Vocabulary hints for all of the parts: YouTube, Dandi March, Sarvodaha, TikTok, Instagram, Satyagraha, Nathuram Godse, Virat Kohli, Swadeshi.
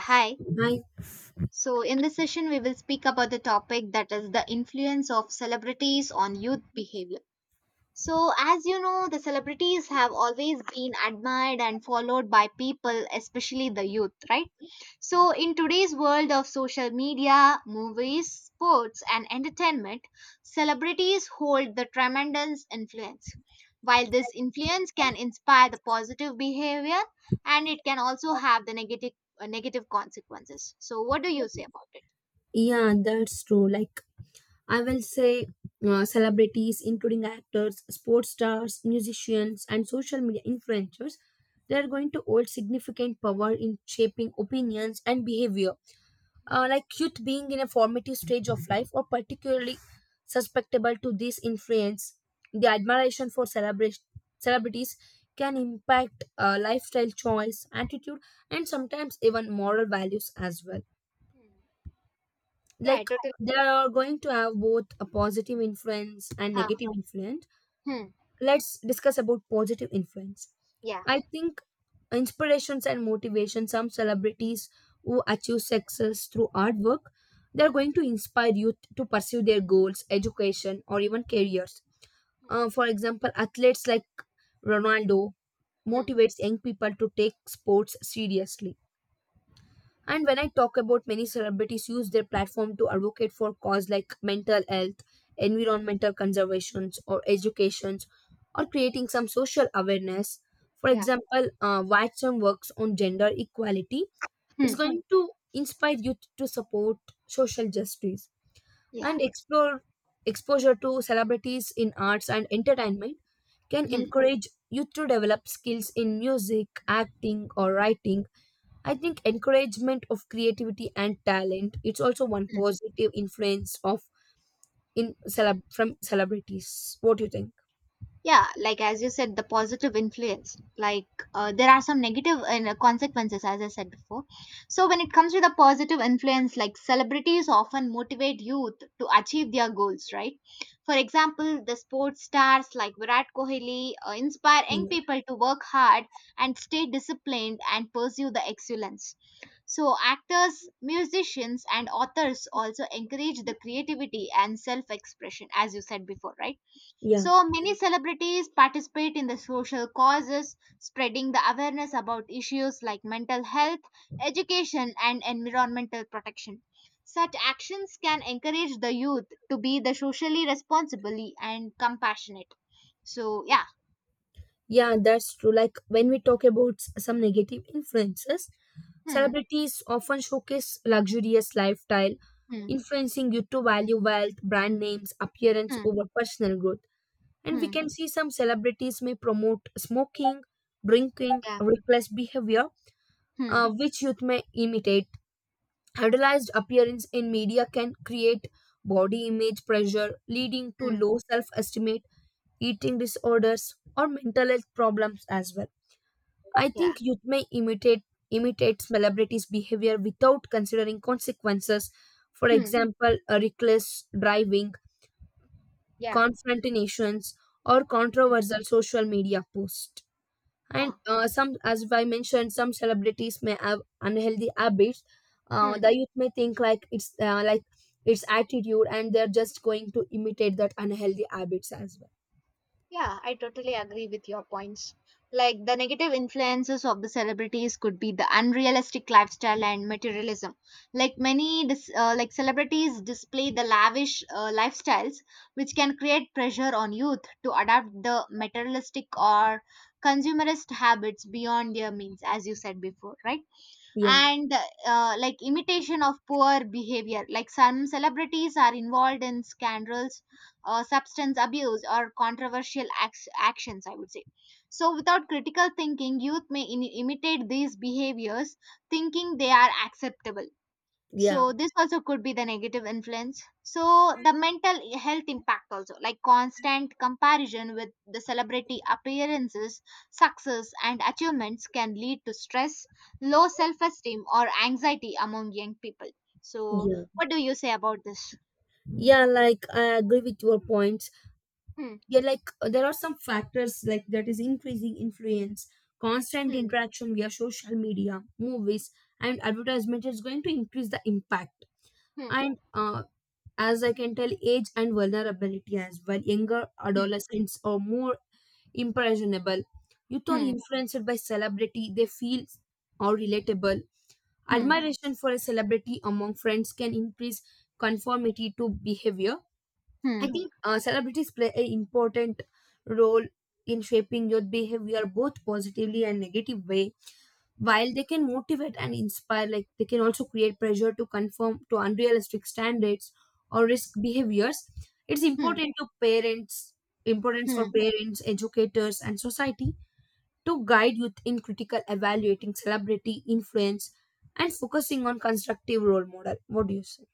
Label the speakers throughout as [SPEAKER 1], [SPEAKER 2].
[SPEAKER 1] Hi.
[SPEAKER 2] I
[SPEAKER 1] So, in this session, we will speak about the topic that is the influence of celebrities on youth behavior. So, as you know, the celebrities have always been admired and followed by people, especially the youth, right? So, in today's world of social media, movies, sports, and entertainment, celebrities hold the tremendous influence. While this influence can inspire the positive behavior and it can also have the negative consequences. So, what do you say about it?
[SPEAKER 2] Yeah, that's true. Like, I will say, celebrities, including actors, sports stars, musicians, and social media influencers, they are going to hold significant power in shaping opinions and behavior. Like, youth being in a formative stage of life, or particularly susceptible to this influence, the admiration for celebrities can impact lifestyle choice, attitude, and sometimes even moral values as well.
[SPEAKER 1] Hmm. Yeah, I
[SPEAKER 2] Like,
[SPEAKER 1] totally.
[SPEAKER 2] they are going to have both a positive influence and
[SPEAKER 1] Huh.
[SPEAKER 2] negative influence.
[SPEAKER 1] Hmm.
[SPEAKER 2] Let's discuss about positive influence.
[SPEAKER 1] Yeah.
[SPEAKER 2] I think inspirations and motivation, some celebrities who achieve success through artwork, they're
[SPEAKER 1] Hmm.
[SPEAKER 2] going to inspire youth to pursue their goals, education, or even careers.
[SPEAKER 1] Hmm.
[SPEAKER 2] For example, athletes like Ronaldo
[SPEAKER 1] Hmm.
[SPEAKER 2] motivates young people to take sports seriously. And when I talk about, many celebrities use their platform to advocate for cause like mental health, environmental conservations, or educations, or creating some social awareness. For
[SPEAKER 1] Yeah.
[SPEAKER 2] example, Watson works on gender equality.
[SPEAKER 1] Hmm.
[SPEAKER 2] It's going to inspire youth to support social justice
[SPEAKER 1] Yeah.
[SPEAKER 2] and explore. Exposure to celebrities in arts and entertainment can
[SPEAKER 1] Mm,
[SPEAKER 2] encourage youth to develop skills in music, acting, or writing. I think encouragement of creativity and talent, it's also one
[SPEAKER 1] mm.
[SPEAKER 2] positive influence of from celebrities. What do you think?
[SPEAKER 1] Yeah, like as you said, the positive influence. There are some negative consequences, as I said before. So when it comes to the positive influence, like celebrities often motivate youth to achieve their goals, right? For example, the sports stars like Virat Kohli inspire young
[SPEAKER 2] Mm,
[SPEAKER 1] people to work hard and stay disciplined and pursue the excellence. So actors, musicians, and authors also encourage the creativity and self-expression, as you said before, right?
[SPEAKER 2] yeah.
[SPEAKER 1] So many celebrities participate in the social causes, spreading the awareness about issues like mental health, education, and environmental protection. Such actions can encourage the youth to be the socially responsible and compassionate. So yeah,
[SPEAKER 2] Yeah, that's true. Like, when we talk about some negative influences,
[SPEAKER 1] hmm,
[SPEAKER 2] celebrities often showcase luxurious lifestyle,
[SPEAKER 1] hmm,
[SPEAKER 2] influencing you to value wealth, brand names, appearance
[SPEAKER 1] hmm,
[SPEAKER 2] over personal growth. And we
[SPEAKER 1] hmm,
[SPEAKER 2] can see some celebrities may promote smoking, drinking,
[SPEAKER 1] yeah,
[SPEAKER 2] reckless behavior,
[SPEAKER 1] hmm,
[SPEAKER 2] which youth may imitate. Idolized appearance in media can create body image pressure, leading to
[SPEAKER 1] hmm,
[SPEAKER 2] low self esteem, eating disorders, or mental health problems as well. I
[SPEAKER 1] yeah,
[SPEAKER 2] think youth may imitate celebrities' behavior without considering consequences. For
[SPEAKER 1] hmm,
[SPEAKER 2] example, a reckless driving,
[SPEAKER 1] yeah,
[SPEAKER 2] confrontations, or controversial social media posts.
[SPEAKER 1] yeah,
[SPEAKER 2] And some, as I mentioned, some celebrities may have unhealthy habits. uh,
[SPEAKER 1] hmm.
[SPEAKER 2] the youth may think like it's like it's attitude, and they're just going to imitate that unhealthy habits as well.
[SPEAKER 1] Yeah, I totally agree with your points. Like the negative influences of the celebrities could be the unrealistic lifestyle and materialism. Like many like celebrities display the lavish lifestyles which can create pressure on youth to adapt the materialistic or consumerist habits beyond their means as you said before, right?
[SPEAKER 2] Yeah.
[SPEAKER 1] And like imitation of poor behavior, like some celebrities are involved in scandals, substance abuse or controversial actions, I would say. So without critical thinking, youth may imitate these behaviors thinking they are acceptable.
[SPEAKER 2] Yeah,
[SPEAKER 1] So this also could be the negative influence. So the mental health impact also, like constant comparison with the celebrity appearances, success and achievements can lead to stress, low self esteem or anxiety among young people. So
[SPEAKER 2] yeah.
[SPEAKER 1] what do you say about this?
[SPEAKER 2] Yeah, like I agree with your points.
[SPEAKER 1] Hmm,
[SPEAKER 2] Yeah, like there are some factors like that is increasing influence. Constant
[SPEAKER 1] hmm,
[SPEAKER 2] interaction via social media, movies, and advertisement is going to increase the impact.
[SPEAKER 1] hmm,
[SPEAKER 2] And as I can tell, age and vulnerability as well. Younger
[SPEAKER 1] hmm,
[SPEAKER 2] adolescents are more impressionable. Youth are
[SPEAKER 1] hmm,
[SPEAKER 2] influenced by celebrity, they feel or relatable.
[SPEAKER 1] hmm,
[SPEAKER 2] Admiration for a celebrity among friends can increase conformity to behavior. I
[SPEAKER 1] hmm,
[SPEAKER 2] think celebrities play an important role in shaping youth behavior both positively and negative way. While they can motivate and inspire, like, they can also create pressure to conform to unrealistic standards or risk behaviors. it's
[SPEAKER 1] hmm,
[SPEAKER 2] important to parents importance for
[SPEAKER 1] hmm.
[SPEAKER 2] parents, educators, and society to guide youth in critical evaluating celebrity influence and focusing on constructive role model. What do you say?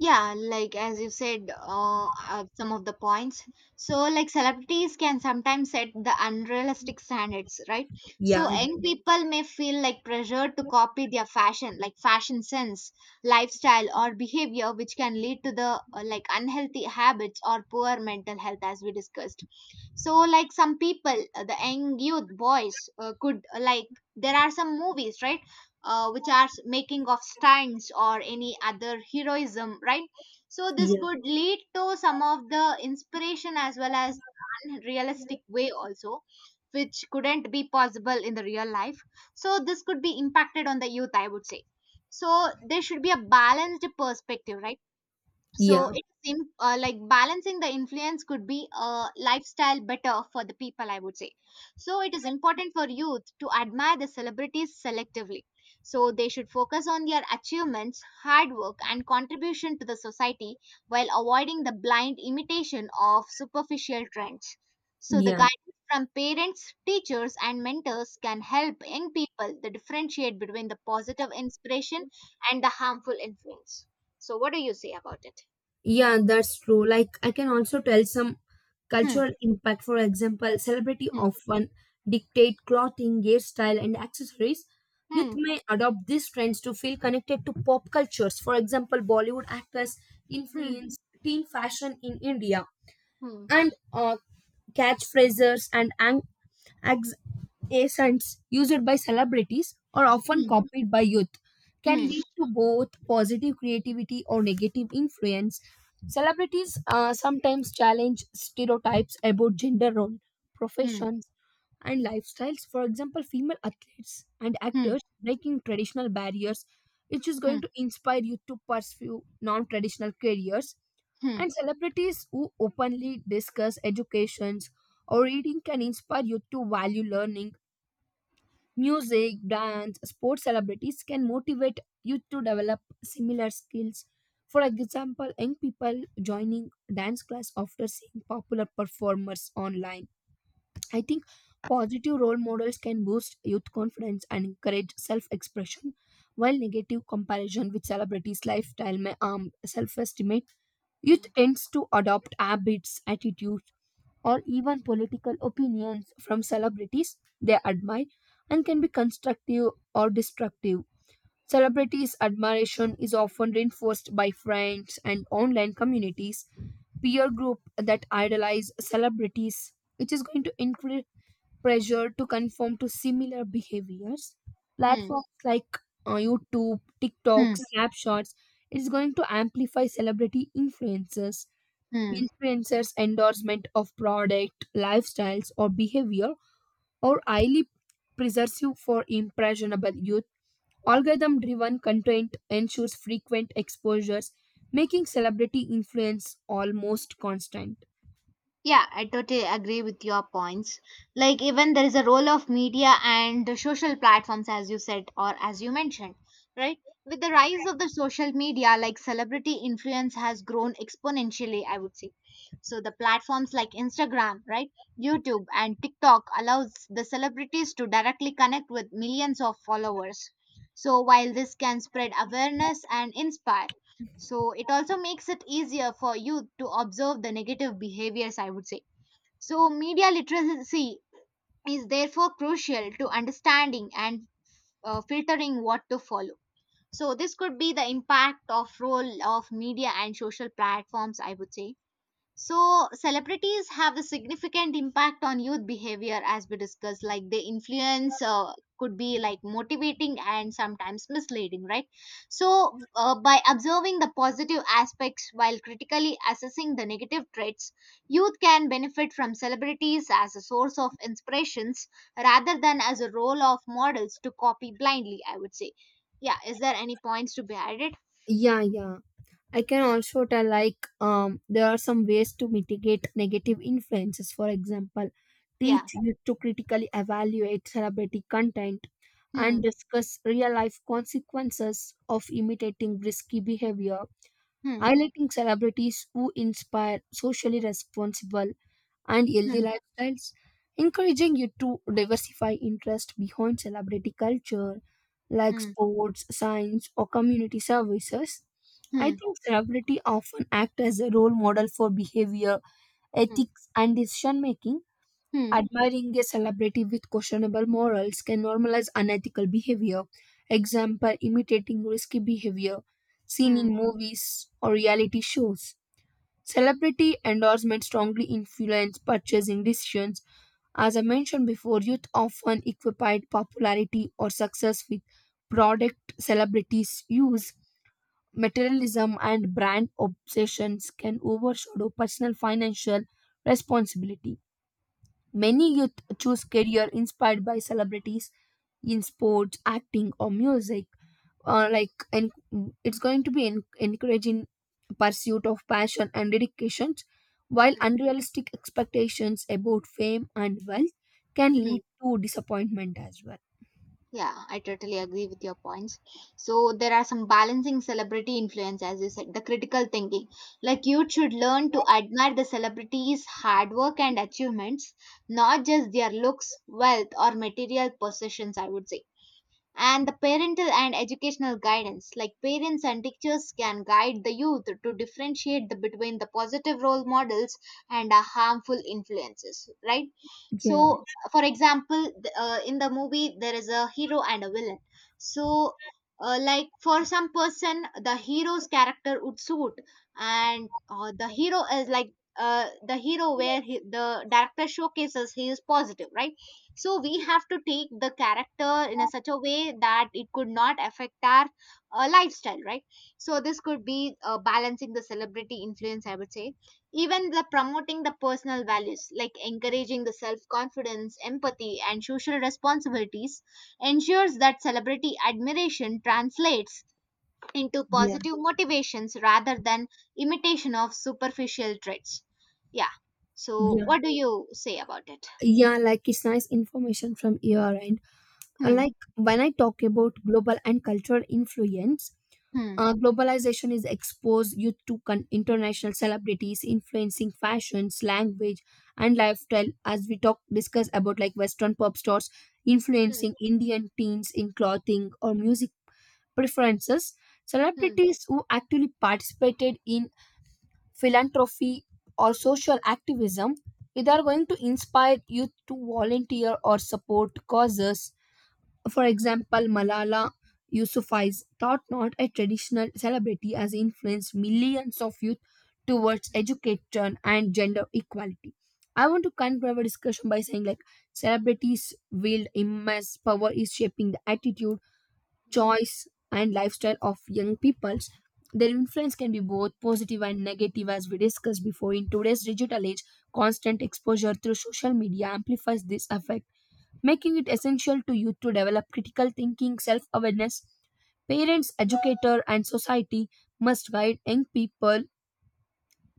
[SPEAKER 1] Yeah, like as you said, some of the points. So, like celebrities can sometimes set the unrealistic standards, right? So,
[SPEAKER 2] Yeah.
[SPEAKER 1] young
[SPEAKER 2] Yeah.
[SPEAKER 1] people may feel like pressure to copy their fashion, like fashion sense, lifestyle, or behavior, which can lead to the like unhealthy habits or poor mental health, as we discussed. So, like some people, the young youth boys, could like there are some movies, right? Which are making of stands or any other heroism, right? So this
[SPEAKER 2] Yeah,
[SPEAKER 1] could lead to some of the inspiration, as well as unrealistic way also, which couldn't be possible in the real life. So this could be impacted on the youth, I would say. So there should be a balanced perspective, right? So
[SPEAKER 2] yeah,
[SPEAKER 1] it seems like balancing the influence could be a lifestyle better for the people, I would say. So it is important for youth to admire the celebrities selectively. So they should focus on their achievements, hard work, and contribution to the society while avoiding the blind imitation of superficial trends. So the
[SPEAKER 2] yeah.
[SPEAKER 1] guidance from parents, teachers, and mentors can help young people to differentiate between the positive inspiration and the harmful influence. So what do you say about it?
[SPEAKER 2] Yeah, that's true. Like, I can also tell some
[SPEAKER 1] Hmm,
[SPEAKER 2] cultural impact. For example, celebrity
[SPEAKER 1] hmm,
[SPEAKER 2] often dictate clothing, hairstyle, and accessories. Youth
[SPEAKER 1] hmm,
[SPEAKER 2] may adopt these trends to feel connected to pop cultures. For example, Bollywood actors
[SPEAKER 1] hmm,
[SPEAKER 2] influence teen fashion in India.
[SPEAKER 1] hmm,
[SPEAKER 2] And catchphrases and ex- accents used by celebrities are often
[SPEAKER 1] hmm,
[SPEAKER 2] copied by youth, can
[SPEAKER 1] hmm,
[SPEAKER 2] lead to both positive creativity or negative influence. Celebrities sometimes challenge stereotypes about gender role,
[SPEAKER 1] hmm,
[SPEAKER 2] professions, and lifestyles. For example, female athletes and
[SPEAKER 1] hmm,
[SPEAKER 2] actors breaking traditional barriers, which is
[SPEAKER 1] hmm,
[SPEAKER 2] going to inspire you to pursue non-traditional careers.
[SPEAKER 1] hmm,
[SPEAKER 2] And celebrities who openly discuss educations or reading can inspire you to value learning. Music, dance, sports celebrities can motivate you to develop similar skills. For example, young people joining dance class after seeing popular performers online. I think positive role models can boost youth confidence and encourage self expression, while negative comparison with celebrities' lifestyle may harm self estimate.
[SPEAKER 1] hmm,
[SPEAKER 2] Youth tends to adopt habits, attitudes, or even political opinions from celebrities they admire, and can be constructive or destructive. Celebrities' admiration is often reinforced by friends and online communities, peer group that idolize celebrities, which is going to increase pressure to conform to similar behaviors.
[SPEAKER 1] hmm,
[SPEAKER 2] Platforms like YouTube, TikTok,
[SPEAKER 1] hmm,
[SPEAKER 2] Snapshots, it is going to amplify celebrity influences.
[SPEAKER 1] hmm.
[SPEAKER 2] Influencers' endorsement of product, lifestyles, or behavior are highly persuasive for impressionable youth. Algorithm driven content ensures frequent exposures, making celebrity influence almost constant.
[SPEAKER 1] Yeah, I totally agree with your points. Like, even there is a role of media and the social platforms, as you said, or as you mentioned, right? With the rise of the social media, like celebrity influence has grown exponentially, I would say. So the platforms like Instagram, right, YouTube and TikTok allows the celebrities to directly connect with millions of followers. So while this can spread awareness and inspire, so it also makes it easier for you to observe the negative behaviors, I would say. So media literacy is therefore crucial to understanding and filtering what to follow. So this could be the impact of role of media and social platforms, I would say. So, celebrities have a significant impact on youth behavior, as we discussed. Like, they influence could be like motivating and sometimes misleading, right? So, by observing the positive aspects while critically assessing the negative traits, youth can benefit from celebrities as a source of inspirations rather than as a role of models to copy blindly, I would say. Yeah, is there any points to be added?
[SPEAKER 2] Yeah, yeah. I can also tell like there are some ways to mitigate negative influences. For example,
[SPEAKER 1] Yeah.
[SPEAKER 2] teach you to critically evaluate celebrity content
[SPEAKER 1] Hmm.
[SPEAKER 2] and discuss real life consequences of imitating risky behavior,
[SPEAKER 1] Hmm.
[SPEAKER 2] highlighting celebrities who inspire socially responsible and
[SPEAKER 1] Hmm.
[SPEAKER 2] healthy lifestyles, encouraging you to diversify interest behind celebrity culture like
[SPEAKER 1] Hmm.
[SPEAKER 2] sports, science, or community services. I
[SPEAKER 1] Hmm.
[SPEAKER 2] think celebrity often act as a role model for behavior,
[SPEAKER 1] Hmm.
[SPEAKER 2] ethics, and decision making.
[SPEAKER 1] Hmm.
[SPEAKER 2] Admiring a celebrity with questionable morals can normalize unethical behavior. Example, imitating risky behavior seen in
[SPEAKER 1] Hmm.
[SPEAKER 2] movies or reality shows. Celebrity endorsement strongly influence purchasing decisions. As I mentioned before, youth often equate popularity or success with product celebrities use. Materialism and brand obsessions can overshadow personal financial responsibility. Many youth choose career inspired by celebrities in sports, acting, or music, like, and it's going to be encouraging pursuit of passion and dedications, while
[SPEAKER 1] Hmm,
[SPEAKER 2] unrealistic expectations about fame and wealth can
[SPEAKER 1] hmm.
[SPEAKER 2] lead to disappointment as well.
[SPEAKER 1] Yeah, I totally agree with your points. So there are some balancing celebrity influence, as you said, the critical thinking. Like you should learn to admire the celebrities' hard work and achievements, not just their looks, wealth, or material possessions, I would say. And the parental and educational guidance, like parents and teachers can guide the youth to differentiate the, between the positive role models and harmful influences, right?
[SPEAKER 2] Yeah.
[SPEAKER 1] So for example, in the movie there is a hero and a villain. So like for some person the hero's character would suit. And the hero is like the hero where he, the director showcases he is positive, right? So we have to take the character in a such a way that it could not affect our lifestyle, right? So this could be balancing the celebrity influence, I would say. Even the promoting the personal values, like encouraging the self confidence, empathy and social responsibilities ensures that celebrity admiration translates into
[SPEAKER 2] Yeah,
[SPEAKER 1] positive motivations rather than imitation of superficial traits. Yeah, so
[SPEAKER 2] yeah.
[SPEAKER 1] what do you say about it?
[SPEAKER 2] Yeah, like, it's nice information from your end. Uh,
[SPEAKER 1] Hmm,
[SPEAKER 2] like when I talk about global and cultural influence,
[SPEAKER 1] hmm.
[SPEAKER 2] Globalization is exposed youth to international celebrities influencing fashions, language, and lifestyle. As we talk, discuss about, like, Western pop stars
[SPEAKER 1] Hmm.
[SPEAKER 2] influencing Indian teens in clothing or music preferences.
[SPEAKER 1] Hmm.
[SPEAKER 2] Celebrities who actively participated in philanthropy or social activism, they are going to inspire youth to volunteer or support causes. For
[SPEAKER 1] Hmm.
[SPEAKER 2] example, Malala Yousafzai's thought, not a traditional celebrity, has influenced millions of youth towards education and gender equality. I want to conclude our discussion by saying, like, celebrities wield immense power is shaping the attitude,
[SPEAKER 1] Hmm.
[SPEAKER 2] choice, and lifestyle of young peoples. Their influence can be both positive and negative, as we discussed before. In today's digital age, constant exposure through social media amplifies this effect, making it essential to youth to develop critical thinking, self awareness. Parents, educator, and society must guide young people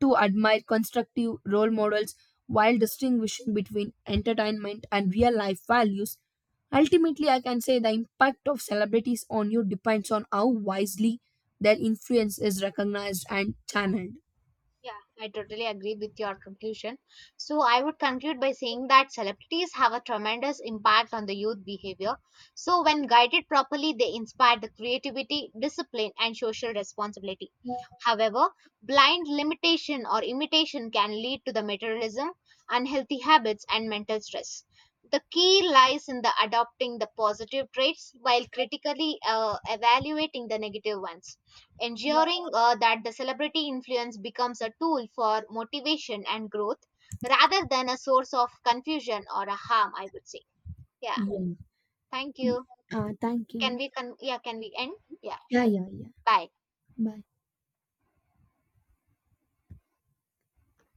[SPEAKER 2] to admire constructive role models while distinguishing between entertainment and real life values. Ultimately, I can say the impact of celebrities on you depends on how wisely their influence is recognized and channeled.
[SPEAKER 1] Yeah, I totally agree with your conclusion. So, I would conclude by saying that celebrities have a tremendous impact on the youth behavior. So, when guided properly, they inspire the creativity, discipline, and social responsibility. However, blind limitation or imitation can lead to the materialism, unhealthy habits, and mental stress. The key lies in the adopting the positive traits while critically evaluating the negative ones,
[SPEAKER 2] Yeah.
[SPEAKER 1] ensuring that the celebrity influence becomes a tool for motivation and growth rather than a source of confusion or a harm, I would say. Yeah, thank you.
[SPEAKER 2] Thank
[SPEAKER 1] Can
[SPEAKER 2] you.
[SPEAKER 1] we yeah, can we end? Yeah,
[SPEAKER 2] Yeah,
[SPEAKER 1] sure.
[SPEAKER 2] yeah, yeah.
[SPEAKER 1] Bye.
[SPEAKER 2] Bye.